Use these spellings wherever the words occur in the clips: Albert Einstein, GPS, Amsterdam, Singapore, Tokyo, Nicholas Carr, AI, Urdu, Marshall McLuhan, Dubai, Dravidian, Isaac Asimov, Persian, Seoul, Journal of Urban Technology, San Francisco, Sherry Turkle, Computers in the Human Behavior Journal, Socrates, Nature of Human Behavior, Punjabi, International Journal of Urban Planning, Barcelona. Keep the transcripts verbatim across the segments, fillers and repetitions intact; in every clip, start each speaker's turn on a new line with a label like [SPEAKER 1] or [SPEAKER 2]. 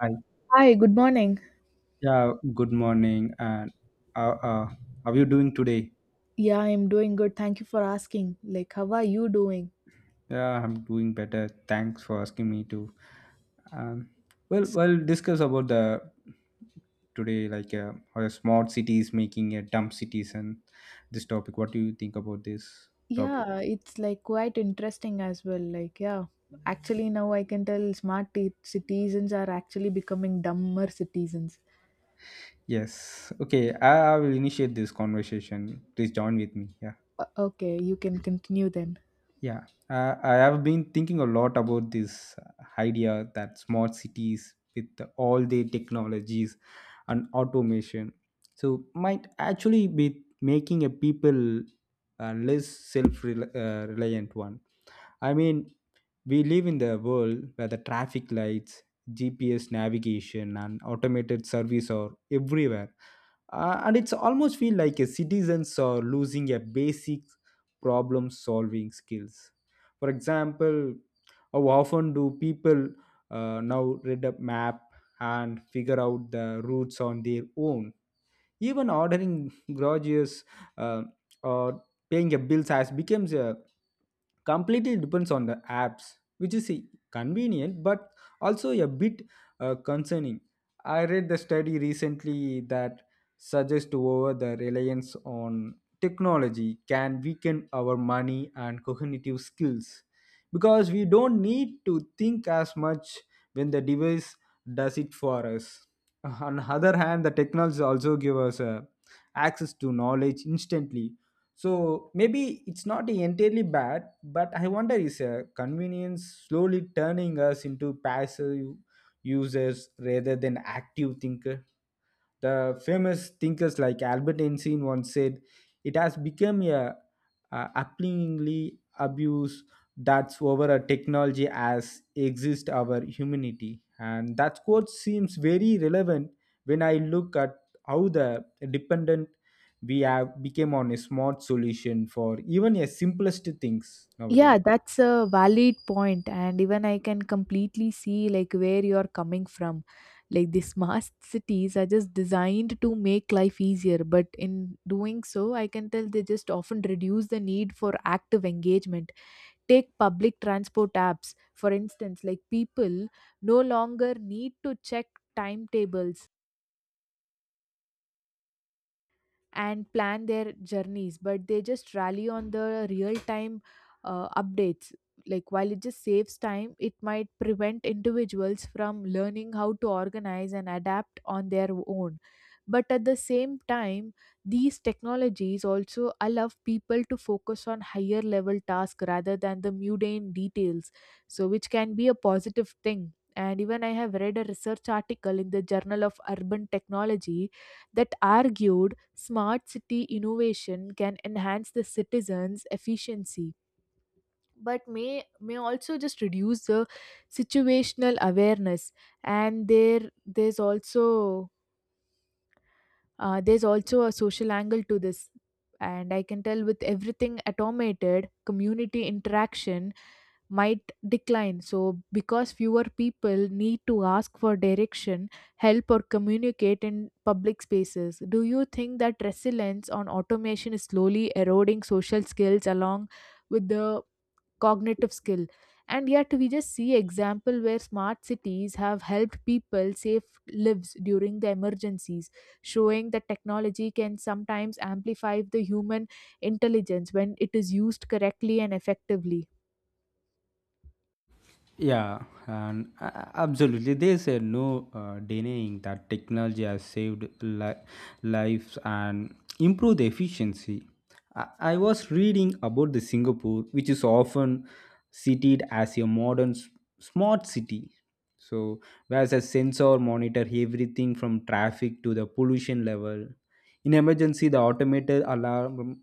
[SPEAKER 1] Hi.
[SPEAKER 2] Hi, good morning.
[SPEAKER 1] Yeah, good morning. And uh, uh, how are you doing today?
[SPEAKER 2] Yeah, I'm doing good. Thank you for asking. Like, how are you doing?
[SPEAKER 1] Yeah, I'm doing better. Thanks for asking me to. Um, well,
[SPEAKER 2] So,
[SPEAKER 1] we'll discuss about the today, like uh, how the smart cities making a dumb cities and this topic. What do you think about this topic?
[SPEAKER 2] yeah, it's like quite interesting as well. Like, yeah, actually, now I can tell smart t- citizens are actually becoming dumber citizens.
[SPEAKER 1] Yes. Okay, I, I will initiate this conversation. Please join with me. Yeah.
[SPEAKER 2] Uh, okay, you can continue then.
[SPEAKER 1] Yeah, uh, I have been thinking a lot about this idea that smart cities with all the technologies and automation so might actually be making a people uh, less self-reliant one. I mean, we live in the world where the traffic lights, G P S navigation, and automated service are everywhere uh, and it's almost feel like a citizens are losing a basic problem solving skills. For example, how often do people uh, now read a map and figure out the routes on their own, even ordering groceries, uh, or paying a bills has becomes a completely depends on the apps, which is e- convenient but also a bit uh, concerning. I read the study recently that suggests over the reliance on technology can weaken our money and cognitive skills because we don't need to think as much when the device does it for us. On the other hand, the technology also give us uh, access to knowledge instantly. So maybe it's not entirely bad, but I wonder is a convenience slowly turning us into passive users rather than active thinker. The famous thinkers like Albert Einstein once said, "It has become a, a appallingly abuse that's over a technology as exist our humanity." And that quote seems very relevant when I look at how the dependent we have became on a smart solution for even a simplest things nowadays.
[SPEAKER 2] Yeah, that's a valid point, and even I can completely see like where you're coming from. Like the smart cities are just designed to make life easier, but in doing so, I can tell they just often reduce the need for active engagement. Take public transport apps, for instance, like people no longer need to check timetables and plan their journeys, but they just rally on the real time uh, updates. Like while it just saves time, it might prevent individuals from learning how to organize and adapt on their own. But at the same time, these technologies also allow people to focus on higher level tasks rather than the mundane details, so which can be a positive thing. And even I have read a research article in the Journal of Urban Technology that argued smart city innovation can enhance the citizens' efficiency but may may also just reduce the situational awareness. And there there's also uh, there's also a social angle to this. And I can tell with everything automated, community interaction might decline. So, because fewer people need to ask for direction, help, or communicate in public spaces, do you think that resilience on automation is slowly eroding social skills along with the cognitive skill? And yet, we just see example where smart cities have helped people save lives during the emergencies, showing that technology can sometimes amplify the human intelligence when it is used correctly and effectively.
[SPEAKER 1] Yeah, and a- absolutely. There's uh, no uh, denying that technology has saved li- lives and improved the efficiency. I-, I was reading about the Singapore, which is often cited as a modern s- smart city. So, whereas a sensor monitor everything from traffic to the pollution level. In emergency, the automated alarm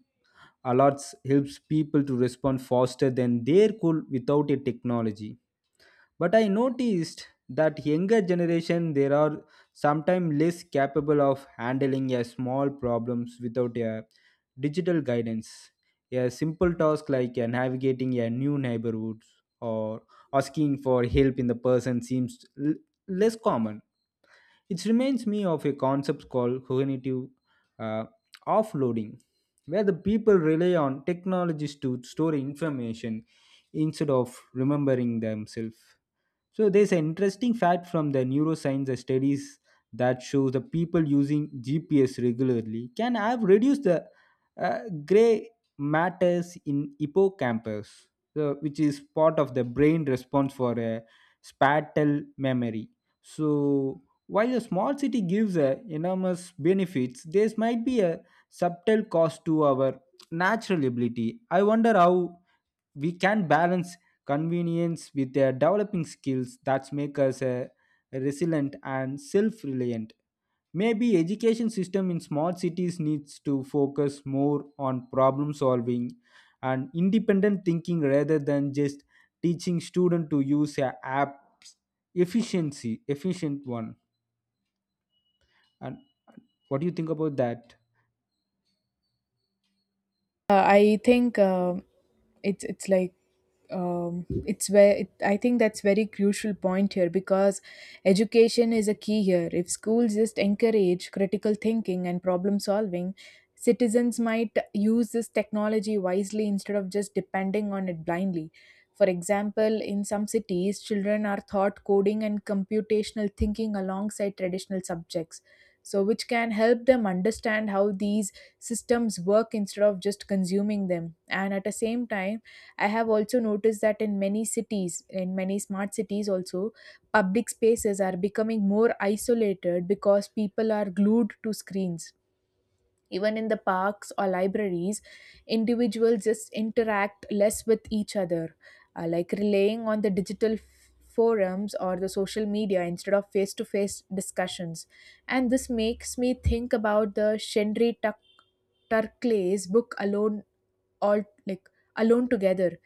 [SPEAKER 1] alerts helps people to respond faster than they could without a technology. But I noticed that younger generation there are sometimes less capable of handling a small problems without a digital guidance. A simple task like uh, navigating a new neighborhood or asking for help in the person seems l- less common. It reminds me of a concept called cognitive uh, offloading, where the people rely on technologies to store information instead of remembering themselves. So there's an interesting fact from the neuroscience studies that shows the people using G P S regularly can have reduced the uh, gray matters in hippocampus, so, which is part of the brain response for a spatial memory. So while a small city gives a enormous benefits, there might be a subtle cost to our natural ability. I wonder how we can balance convenience with uh, developing skills that make us uh, resilient and self-reliant. Maybe education system in small cities needs to focus more on problem solving and independent thinking rather than just teaching student to use a apps efficiency efficient one. And what do you think about that?
[SPEAKER 2] Uh, I think um it's it's like um, it's where it, I think that's very crucial point here because education is a key here. If schools just encourage critical thinking and problem solving, citizens might use this technology wisely instead of just depending on it blindly. For example, in some cities children are taught coding and computational thinking alongside traditional subjects, so which can help them understand how these systems work instead of just consuming them. And at the same time, I have also noticed that in many cities, in many smart cities also, public spaces are becoming more isolated because people are glued to screens. Even in the parks or libraries, individuals just interact less with each other, uh, like relying on the digital f- forums or the social media instead of face to face discussions. And this makes me think about the Shendri Tuck Turkley's book Alone all like Alone Together,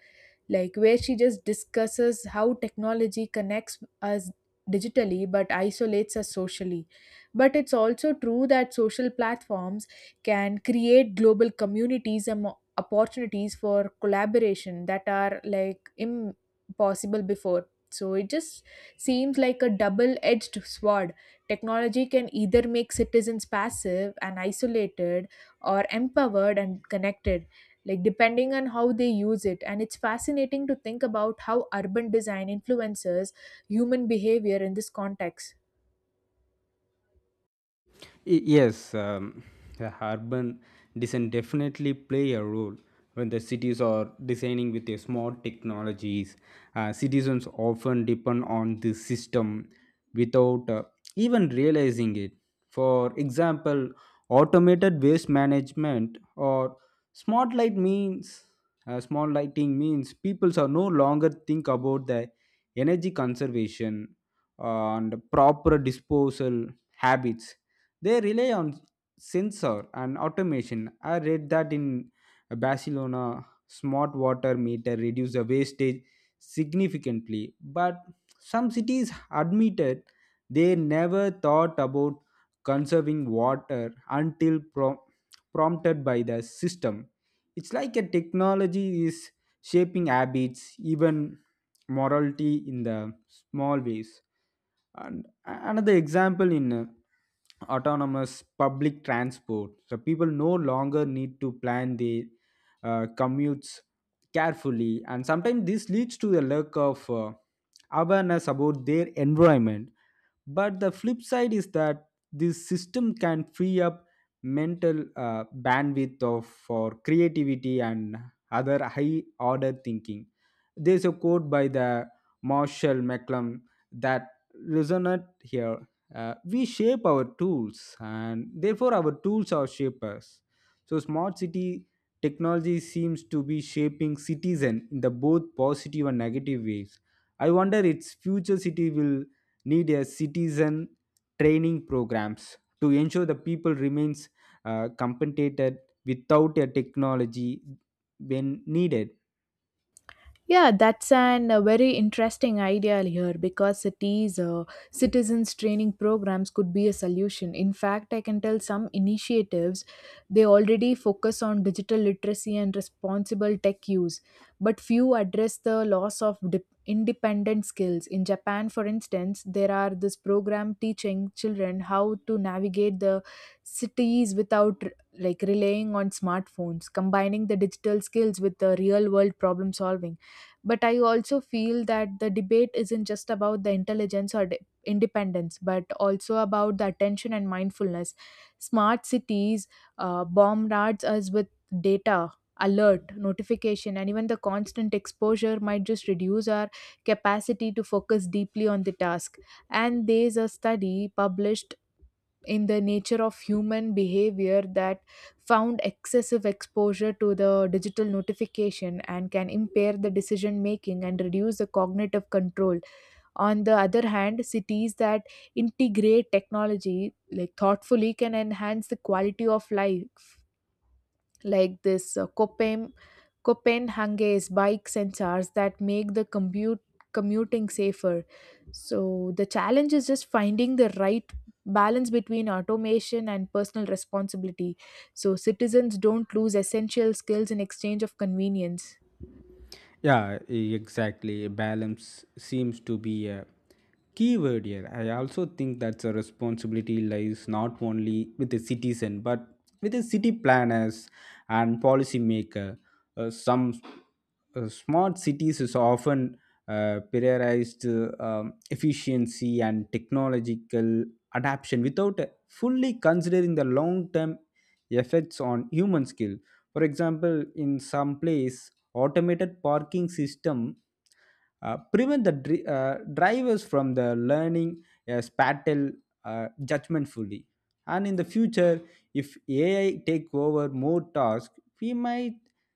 [SPEAKER 2] like where she just discusses how technology connects us digitally but isolates us socially. But it's also true that social platforms can create global communities and mo- opportunities for collaboration that are like impossible before, so it just seems like a double edged sword. Technology can either make citizens passive and isolated or empowered and connected, like depending on how they use it. And it's fascinating to think about how urban design influences human behavior in this context.
[SPEAKER 1] Y- yes, um, the urban design definitely play a role when the cities are designing with a smart technologies. Uh, citizens often depend on the system without uh, even realizing it. For example, automated waste management or smart light means uh, small lighting means people are no longer think about the energy conservation and proper disposal habits. They rely on sensor and automation. I read that in Barcelona, smart water meter reduce the wastage significantly. But some cities admitted they never thought about conserving water until prom- prompted by the system. It's like a technology is shaping habits, even morality in the small ways. And a- another example in uh, autonomous public transport, so people no longer need to plan their uh, commutes carefully, and sometimes this leads to the lack of uh, awareness about their environment. But the flip side is that this system can free up mental uh, bandwidth of for creativity and other high order thinking. There's a quote by the Marshall McLuhan that resonate here. Uh, we shape our tools, and therefore our tools are shapers. So smart city technology seems to be shaping citizen in the both positive and negative ways. I wonder its future city will need a citizen training programs to ensure the people remains uh, compensated without a technology when needed.
[SPEAKER 2] Yeah, that's an a very interesting idea here because cities uh, citizens training programs could be a solution. In fact, I can tell some initiatives they already focus on digital literacy and responsible tech use, but few address the loss of dip- independent skills. In Japan, for instance, there are this program teaching children how to navigate the cities without like relying on smartphones, combining the digital skills with the real world problem solving. But I also feel that the debate isn't just about the intelligence or de- independence but also about the attention and mindfulness. Smart cities uh, bombards us with data, alert notification, and even the constant exposure might just reduce our capacity to focus deeply on the task. And there's a study published in the Nature of Human Behavior that found excessive exposure to the digital notification and can impair the decision making and reduce the cognitive control. On the other hand, cities that integrate technology like thoughtfully can enhance the quality of life, like this uh, Koppam Copenhagen's bike sensors that make the commute commuting safer. So the challenge is just finding the right balance between automation and personal responsibility so citizens don't lose essential skills in exchange of convenience.
[SPEAKER 1] Yeah, e- exactly. Balance seems to be a key word here. I also think that a responsibility lies not only with the citizen but with the city planners and policymaker. Uh, some uh, smart cities is often uh, prioritized uh, um, efficiency and technological adaption without uh, fully considering the long-term effects on human skill. For example, in some place automated parking system uh, prevent the dri- uh, drivers from the learning a spatial uh, judgment fully. And in the future, if ai take over more tasks, we might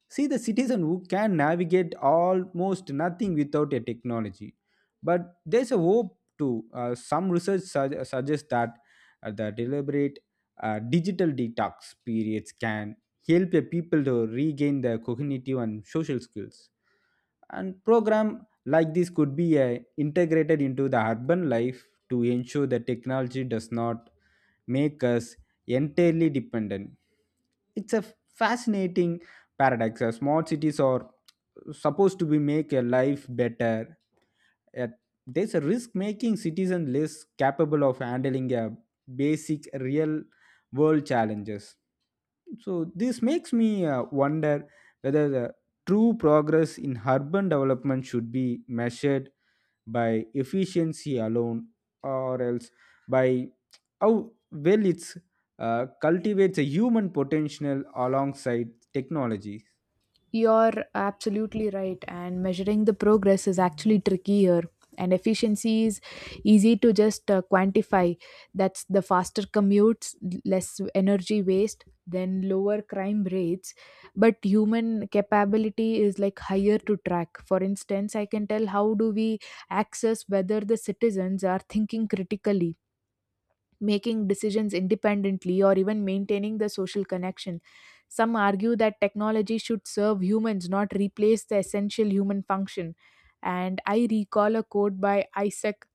[SPEAKER 1] see the citizen who can navigate almost nothing without a technology. But there's a hope too. Uh, some research sug- suggests that uh, the deliberate uh, digital detox periods can help the people to regain their cognitive and social skills. And program like this could be uh, integrated into the urban life to ensure that technology does not make us entirely dependent. It's a fascinating paradox. Uh, small cities are supposed to be make a life better, yet there's a risk making citizens less capable of handling a basic real world challenges. So this makes me uh, wonder whether the true progress in urban development should be measured by efficiency alone, or else by how well it's uh, cultivates a human potential alongside technology.
[SPEAKER 2] You're absolutely right, and measuring the progress is actually trickier. And efficiency is easy to just uh, quantify. That's the faster commutes, l- less energy waste, then lower crime rates. But human capability is like higher to track. For instance, I can tell how do we access whether the citizens are thinking critically, making decisions independently, or even maintaining the social connection. Some argue that technology should serve humans, not replace the essential human function. And I recall a quote by Isaac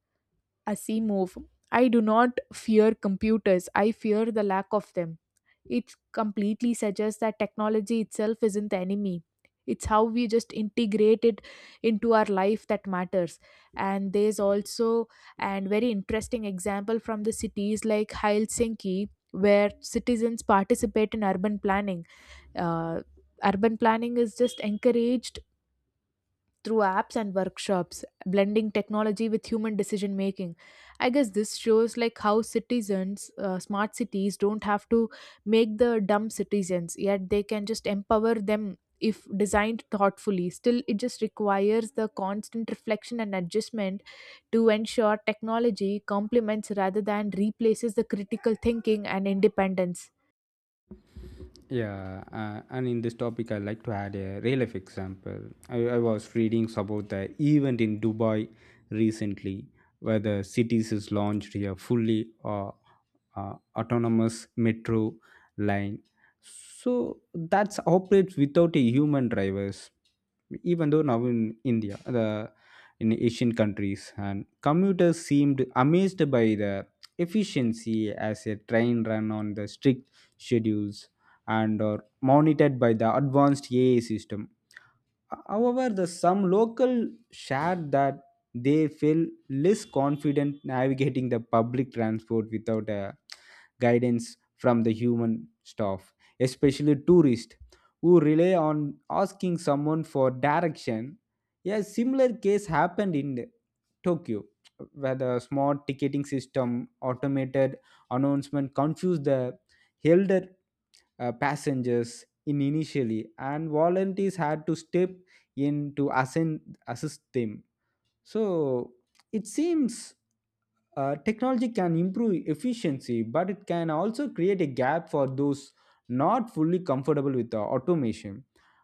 [SPEAKER 2] Asimov. I do not fear computers, I fear the lack of them. It completely suggests that technology itself isn't the enemy. It's how we just integrate it into our life that matters. And there's also and very interesting example from the cities like Helsinki, where citizens participate in urban planning. Uh, urban planning is just encouraged through apps and workshops, blending technology with human decision making. I guess this shows like how citizens, uh, smart cities, don't have to make the dumb citizens, yet they can just empower them if designed thoughtfully. Still, it just requires the constant reflection and adjustment to ensure technology complements rather than replaces the critical thinking and independence.
[SPEAKER 1] Yeah, uh, and in this topic, I like to add a real life example. I, I was reading about the event in Dubai recently, where the cities has launched a fully uh, uh, autonomous metro line. So that's operates without a human drivers. Even though now in India, the in Asian countries, and commuters seemed amazed by the efficiency as a train run on the strict schedules and are monitored by the advanced A I system. However, the some local shared that they feel less confident navigating the public transport without a guidance from the human staff, especially tourists who rely on asking someone for direction. A similar case happened in Tokyo, where the smart ticketing system, automated announcement confused the elder uh, passengers in initially, and volunteers had to step in to ascend, assist them. So it seems uh, technology can improve efficiency, but it can also create a gap for those not fully comfortable with the automation.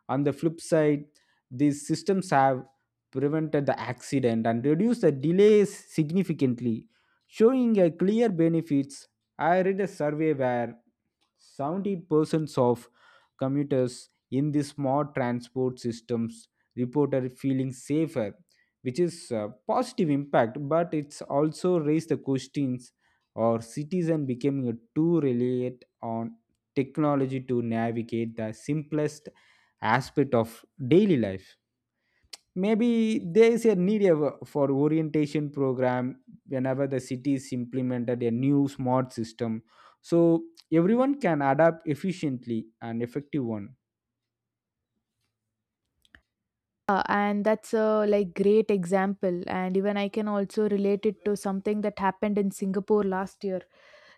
[SPEAKER 1] On the flip side, these systems have prevented the accident and reduced the delays significantly, showing a clear benefits. I read a survey where seventy percent of commuters in the smart transport systems reported feeling safer, which is a positive impact, but it's also raised the questions or citizen becoming too reliant on technology to navigate the simplest aspect of daily life. Maybe there is a need of- uh, for orientation program whenever the city is implemented a new smart system, so everyone can adapt efficiently and effective one.
[SPEAKER 2] Uh, and that's a like great example, and even I can also relate it to something that happened in Singapore last year.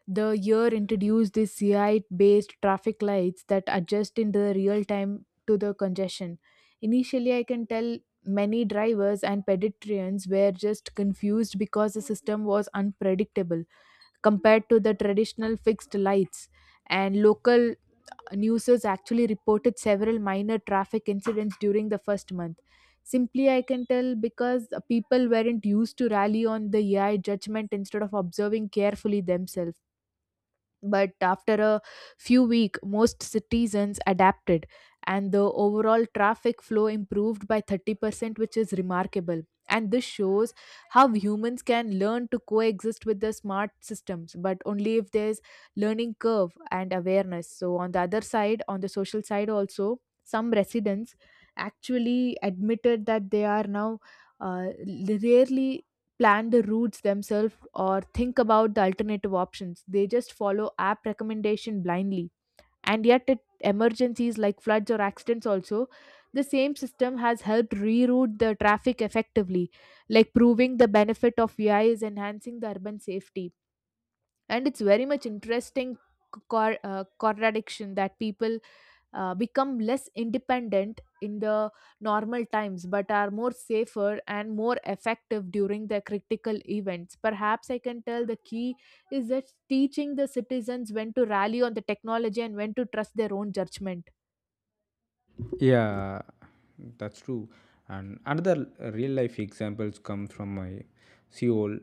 [SPEAKER 2] The year introduced these CI based traffic lights that adjust in the real time to the congestion. Initially, I can tell many drivers and pedestrians were just confused because the system was unpredictable compared to the traditional fixed lights, and local newsers actually reported several minor traffic incidents during the first month. Simply, I can tell because people weren't used to rally on the A I judgment instead of observing carefully themselves. But after a few weeks most citizens adapted, and the overall traffic flow improved by thirty percent which is remarkable. And this shows how humans can learn to coexist with the smart systems, but only if there's learning curve and awareness. So on the other side, on the social side also, some residents actually admitted that they are now uh, rarely plan the routes themselves or think about the alternative options. They just follow app recommendation blindly. And yet at emergencies like floods or accidents also, the same system has helped reroute the traffic effectively, like proving the benefit of A I is enhancing the urban safety. And it's very much interesting co- cor- uh, contradiction that people uh, become less independent in the normal times but are more safer and more effective during the critical events. Perhaps I can tell the key is that teaching the citizens when to rally on the technology and when to trust their own judgment.
[SPEAKER 1] Yeah, that's true. And another real life examples come from my Seoul,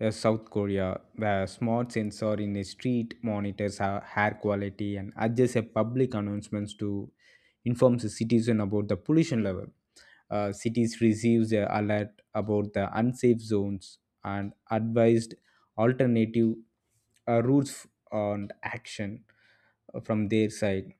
[SPEAKER 1] uh, South Korea, where smart sensor in a street monitors ha- hair quality and adjusts a public announcements to inform the citizen about the pollution level. Uh, cities receives a alert about the unsafe zones and advised alternative uh, routes and action uh, from their side.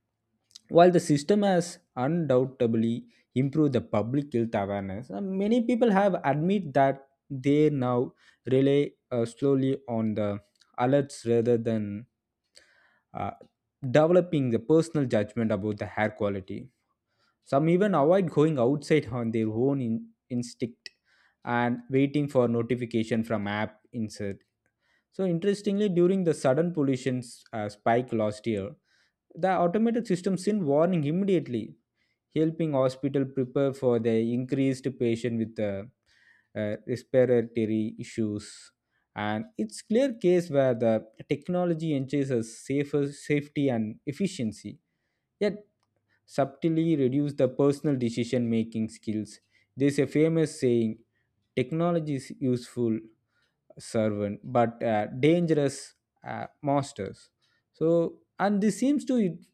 [SPEAKER 1] While the system has undoubtedly improved the public health awareness, uh, many people have admit that they now rely uh, slowly on the alerts rather than uh, developing the personal judgment about the hair quality. Some even avoid going outside on their own in- instinct and waiting for notification from app insert. So interestingly, during the sudden pollution uh, spike last year, the automated system sent warning immediately, helping hospital prepare for the increased patient with the uh, respiratory issues. And it's clear case where the technology ensures us safer safety and efficiency. Yet subtly reduce the personal decision making skills. There's a famous saying technology is useful servant but uh, dangerous uh, masters. So, and this seems to it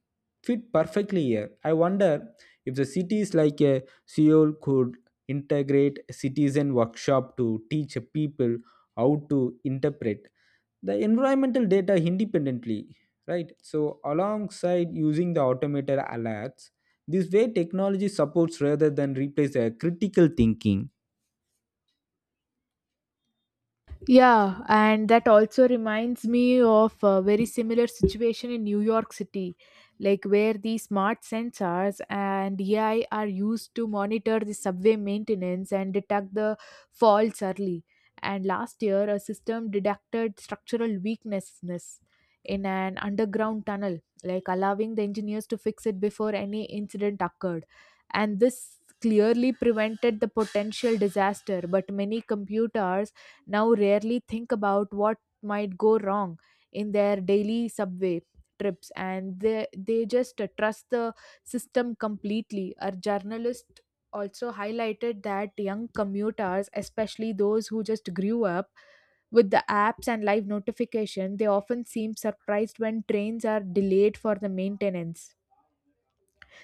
[SPEAKER 1] fit perfectly here. I wonder if the cities like uh, Seoul could integrate citizen workshop to teach people how to interpret the environmental data independently, right? So alongside using the automated alerts, this way technology supports rather than replace a critical thinking.
[SPEAKER 2] Yeah, and that also reminds me of a very similar situation in New York City, like where the smart sensors and A I are used to monitor the subway maintenance and detect the faults early. And last year, a system detected structural weaknesses in an underground tunnel, like allowing the engineers to fix it before any incident occurred. And this clearly prevented the potential disaster, but many computers now rarely think about what might go wrong in their daily subway trips, and they they just uh, trust the system completely. Our journalist also highlighted that young commuters, especially those who just grew up with the apps and live notification, they often seem surprised when trains are delayed for the maintenance,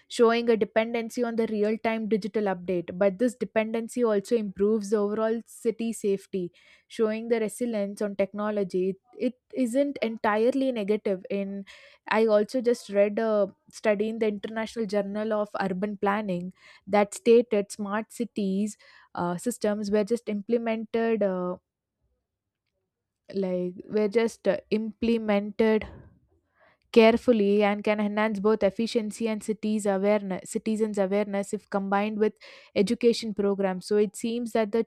[SPEAKER 2] showing a dependency on the real time digital update. But this dependency also improves the overall city safety, showing the resilience on technology. It isn't entirely negative. In I also just read a study in the International Journal of Urban Planning that stated smart cities uh, systems were just implemented. Uh, like were just uh, implemented carefully and can enhance both efficiency and cities awareness citizens awareness if combined with education programs. So it seems that the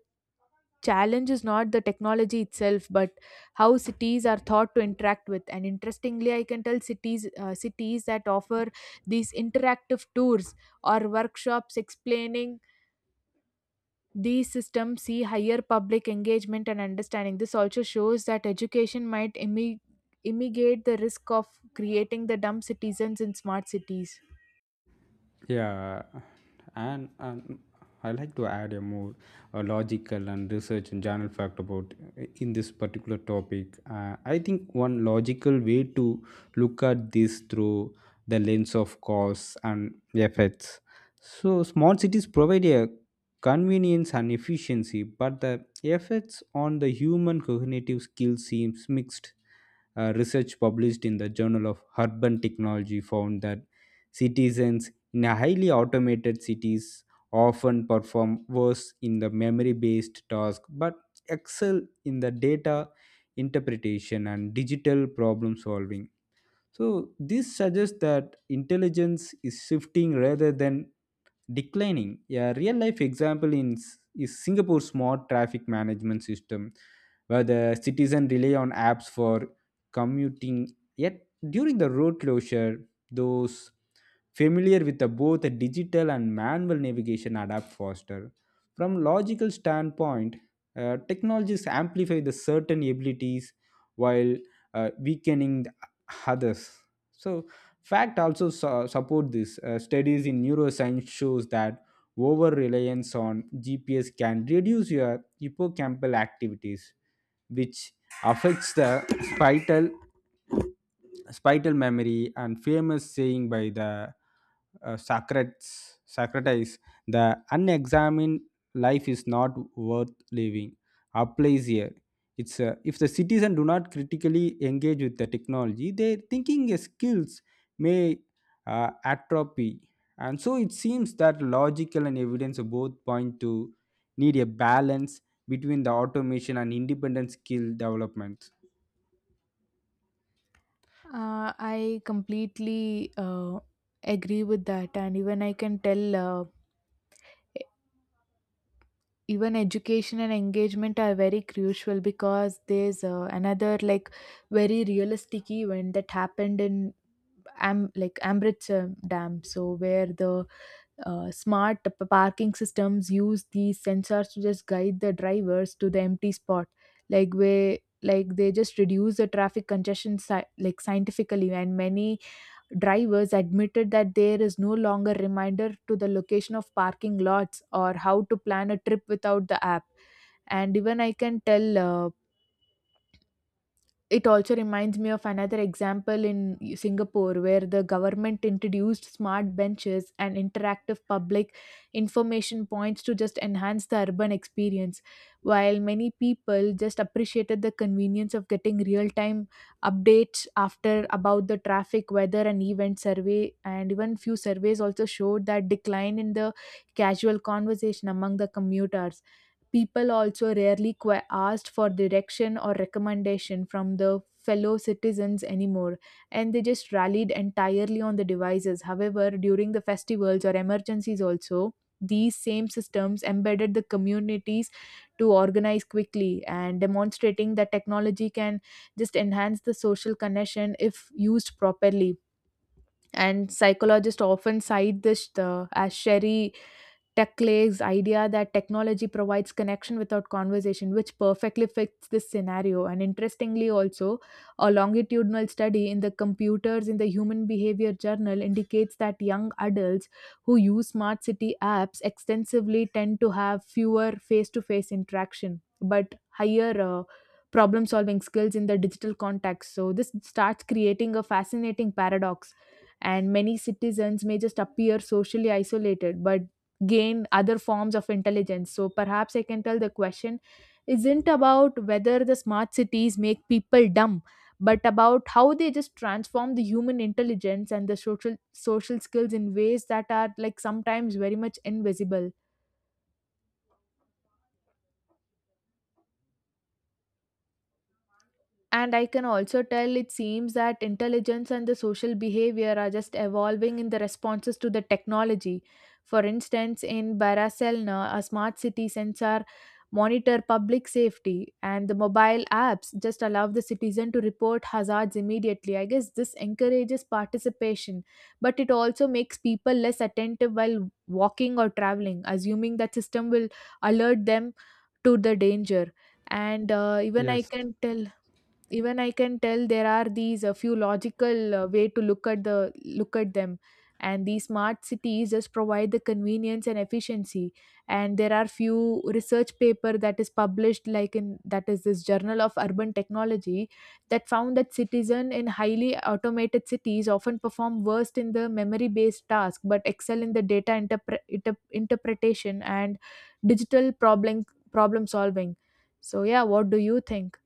[SPEAKER 2] challenge is not the technology itself but how cities are thought to interact with. And interestingly I can tell cities uh, cities that offer these interactive tours or workshops explaining these systems see higher public engagement and understanding. This also shows that education might imi- mitigate the risk of creating the dumb citizens in smart cities.
[SPEAKER 1] Yeah, and, and I like to add a more uh, logical and research and journal fact about uh, in this particular topic. Uh, I think one logical way to look at this through the lens of cause and effects. So small cities provide a convenience and efficiency, but the effects on the human cognitive skills seems mixed. Uh, research published in the Journal of Urban Technology found that citizens in a highly automated cities often perform worse in the memory based task, but excel in the data interpretation and digital problem solving. So this suggests that intelligence is shifting rather than declining. A real life example in, S- is Singapore's smart traffic management system, where the citizen rely on apps for commuting. Yet during the road closure, those familiar with the both digital and manual navigation adapt faster. From logical standpoint, uh, technologies amplify the certain abilities while uh, weakening the others. So, fact also su- support this. Uh, studies in neuroscience shows that over reliance on G P S can reduce your hippocampal activities, which affects the spital spital memory. And famous saying by the uh, Socrates, Socrates, the unexamined life is not worth living, applies here. It's uh, if the citizen do not critically engage with the technology, their thinking skills may uh, atrophy. And so it seems that logical and evidence both point to need a balance between the automation and independent skill development.
[SPEAKER 2] Uh, I completely uh, agree with that, and even I can tell. Uh, e- Even education and engagement are very crucial because there's uh, another like very realistic event that happened in am like Ambridge uh, Dam, so where the uh, smart p- parking systems use these sensors to just guide the drivers to the empty spot, like where like they just reduce the traffic congestion sci- like scientifically, and many drivers admitted that there is no longer reminder to the location of parking lots or how to plan a trip without the app. And even I can tell, uh, it also reminds me of another example in Singapore, where the government introduced smart benches and interactive public information points to just enhance the urban experience, while many people just appreciated the convenience of getting real time updates after about the traffic, weather, and event survey. And even few surveys also showed that decline in the casual conversation among the commuters. People also rarely qu- asked for direction or recommendation from the fellow citizens anymore, and they just rallied entirely on the devices. However, during the festivals or emergencies, also, these same systems embedded the communities to organize quickly and demonstrating that technology can just enhance the social connection if used properly. And psychologists often cite this uh, as Sherry Tekle's idea that technology provides connection without conversation, which perfectly fits this scenario. And interestingly, also, a longitudinal study in the Computers in the Human Behavior Journal indicates that young adults who use smart city apps extensively tend to have fewer face to face interaction but higher uh, problem solving skills in the digital context. So, this starts creating a fascinating paradox, and many citizens may just appear socially isolated but gain other forms of intelligence. So perhaps I can tell the question isn't about whether the smart cities make people dumb, but about how they just transform the human intelligence and the social social skills in ways that are like sometimes very much invisible. And I can also tell it seems that intelligence and the social behavior are just evolving in the responses to the technology. For instance, in Barcelona, a smart city sensor monitor public safety, and the mobile apps just allow the citizen to report hazards immediately. I guess this encourages participation, but it also makes people less attentive while walking or traveling, assuming that system will alert them to the danger. And uh, even I
[SPEAKER 1] Yes.
[SPEAKER 2] can tell, even i can tell there are these a few logical uh, way to look at the look at them. And these smart cities just provide the convenience and efficiency, and there are few research paper that is published like in that is this Journal of Urban Technology that found that citizen in highly automated cities often perform worst in the memory based task but excel in the data interpre- inter- interpretation and digital problem problem solving. So yeah, what do you think?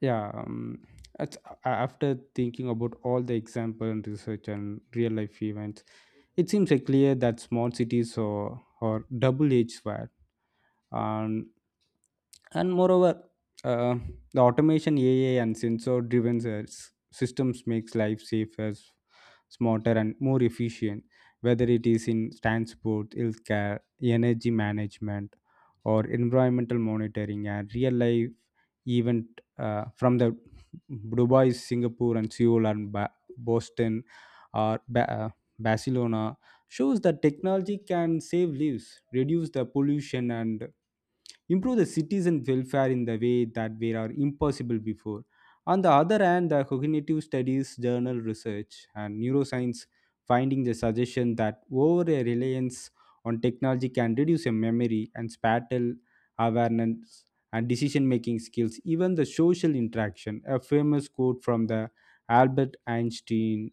[SPEAKER 1] Yeah, um, it's, a- after thinking about all the example and research and real life events, it seems like clear that small cities are, are double-edged sword. And moreover, uh, the automation ai and sensor driven systems makes life safer s- smarter and more efficient, whether it is in transport, healthcare, energy management, or environmental monitoring. And real life event, uh, from the dubai, singapore, and seoul, and ba- boston or Ba- uh, Barcelona shows that technology can save lives, reduce the pollution, and improve the citizen welfare in the way that were impossible before. On the other hand, the cognitive studies journal research and neuroscience finding the suggestion that over a reliance on technology can reduce your memory and spatial awareness and decision making skills, even the social interaction. A famous quote from the Albert Einstein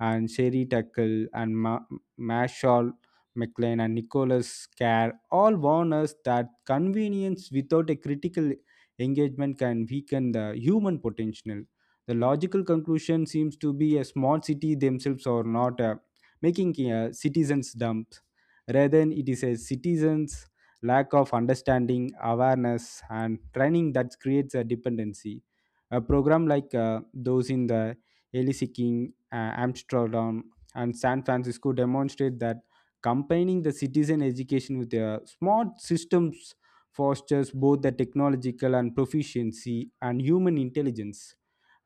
[SPEAKER 1] and Sherry Tuckle and Ma- Marshall McLean and Nicholas Carr all warn us that convenience without a critical engagement can weaken the human potential. The logical conclusion seems to be a small city themselves are not uh, making a citizens dumps. Rather, it is a citizens' lack of understanding, awareness, and training that creates a dependency. A program like uh, those in the Elise, uh, Amsterdam, and San Francisco demonstrate that combining the citizen education with the smart systems fosters both the technological and proficiency and human intelligence.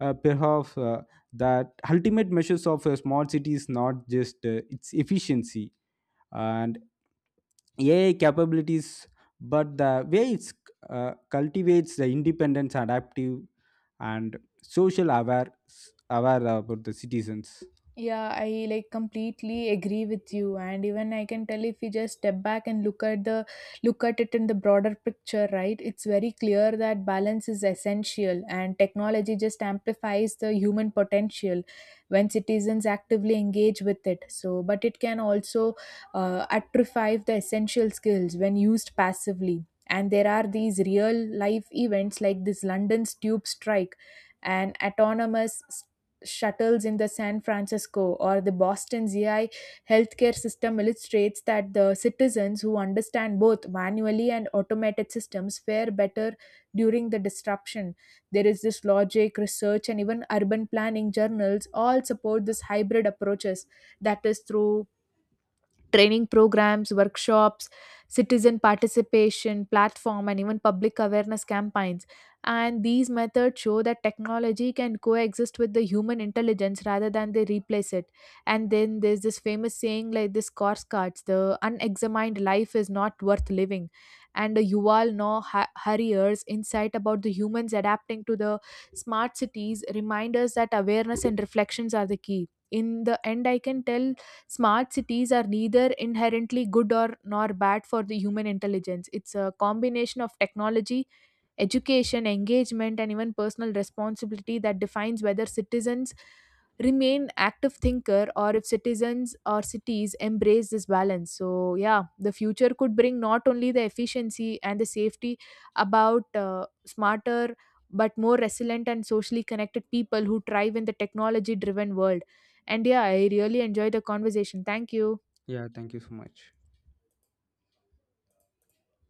[SPEAKER 1] Uh, perhaps uh, that ultimate measures of a smart city is not just uh, its efficiency and A I capabilities, but the way it uh, cultivates the independence, adaptive, and social aware aware about the citizens.
[SPEAKER 2] Yeah, I like completely agree with you. And even I can tell, if we just step back and look at the look at it in the broader picture, right? It's very clear that balance is essential and technology just amplifies the human potential when citizens actively engage with it. So, but it can also uh, atrophy the essential skills when used passively. And there are these real life events like this London's tube strike, an autonomous shuttles in the San Francisco or the Boston Z I healthcare system illustrates that the citizens who understand both manually and automated systems fare better during the disruption. There is this logic, research, and even urban planning journals all support this hybrid approaches, that is through training programs, workshops, citizen participation platform, and even public awareness campaigns. And these methods show that technology can coexist with the human intelligence rather than they replace it. And then there's this famous saying like this course cards, the unexamined life is not worth living. And the Yuval Noah Harari's insight about the humans adapting to the smart cities remind us that awareness and reflections are the key. In the end, I can tell smart cities are neither inherently good or nor bad for the human intelligence. It's a combination of technology, education, engagement, and even personal responsibility that defines whether citizens remain active thinker, or if citizens or cities embrace this balance. So yeah, the future could bring not only the efficiency and the safety about uh, smarter but more resilient and socially connected people who thrive in the technology driven world. And yeah, I really enjoyed the conversation. Thank you.
[SPEAKER 1] Yeah, thank you so much.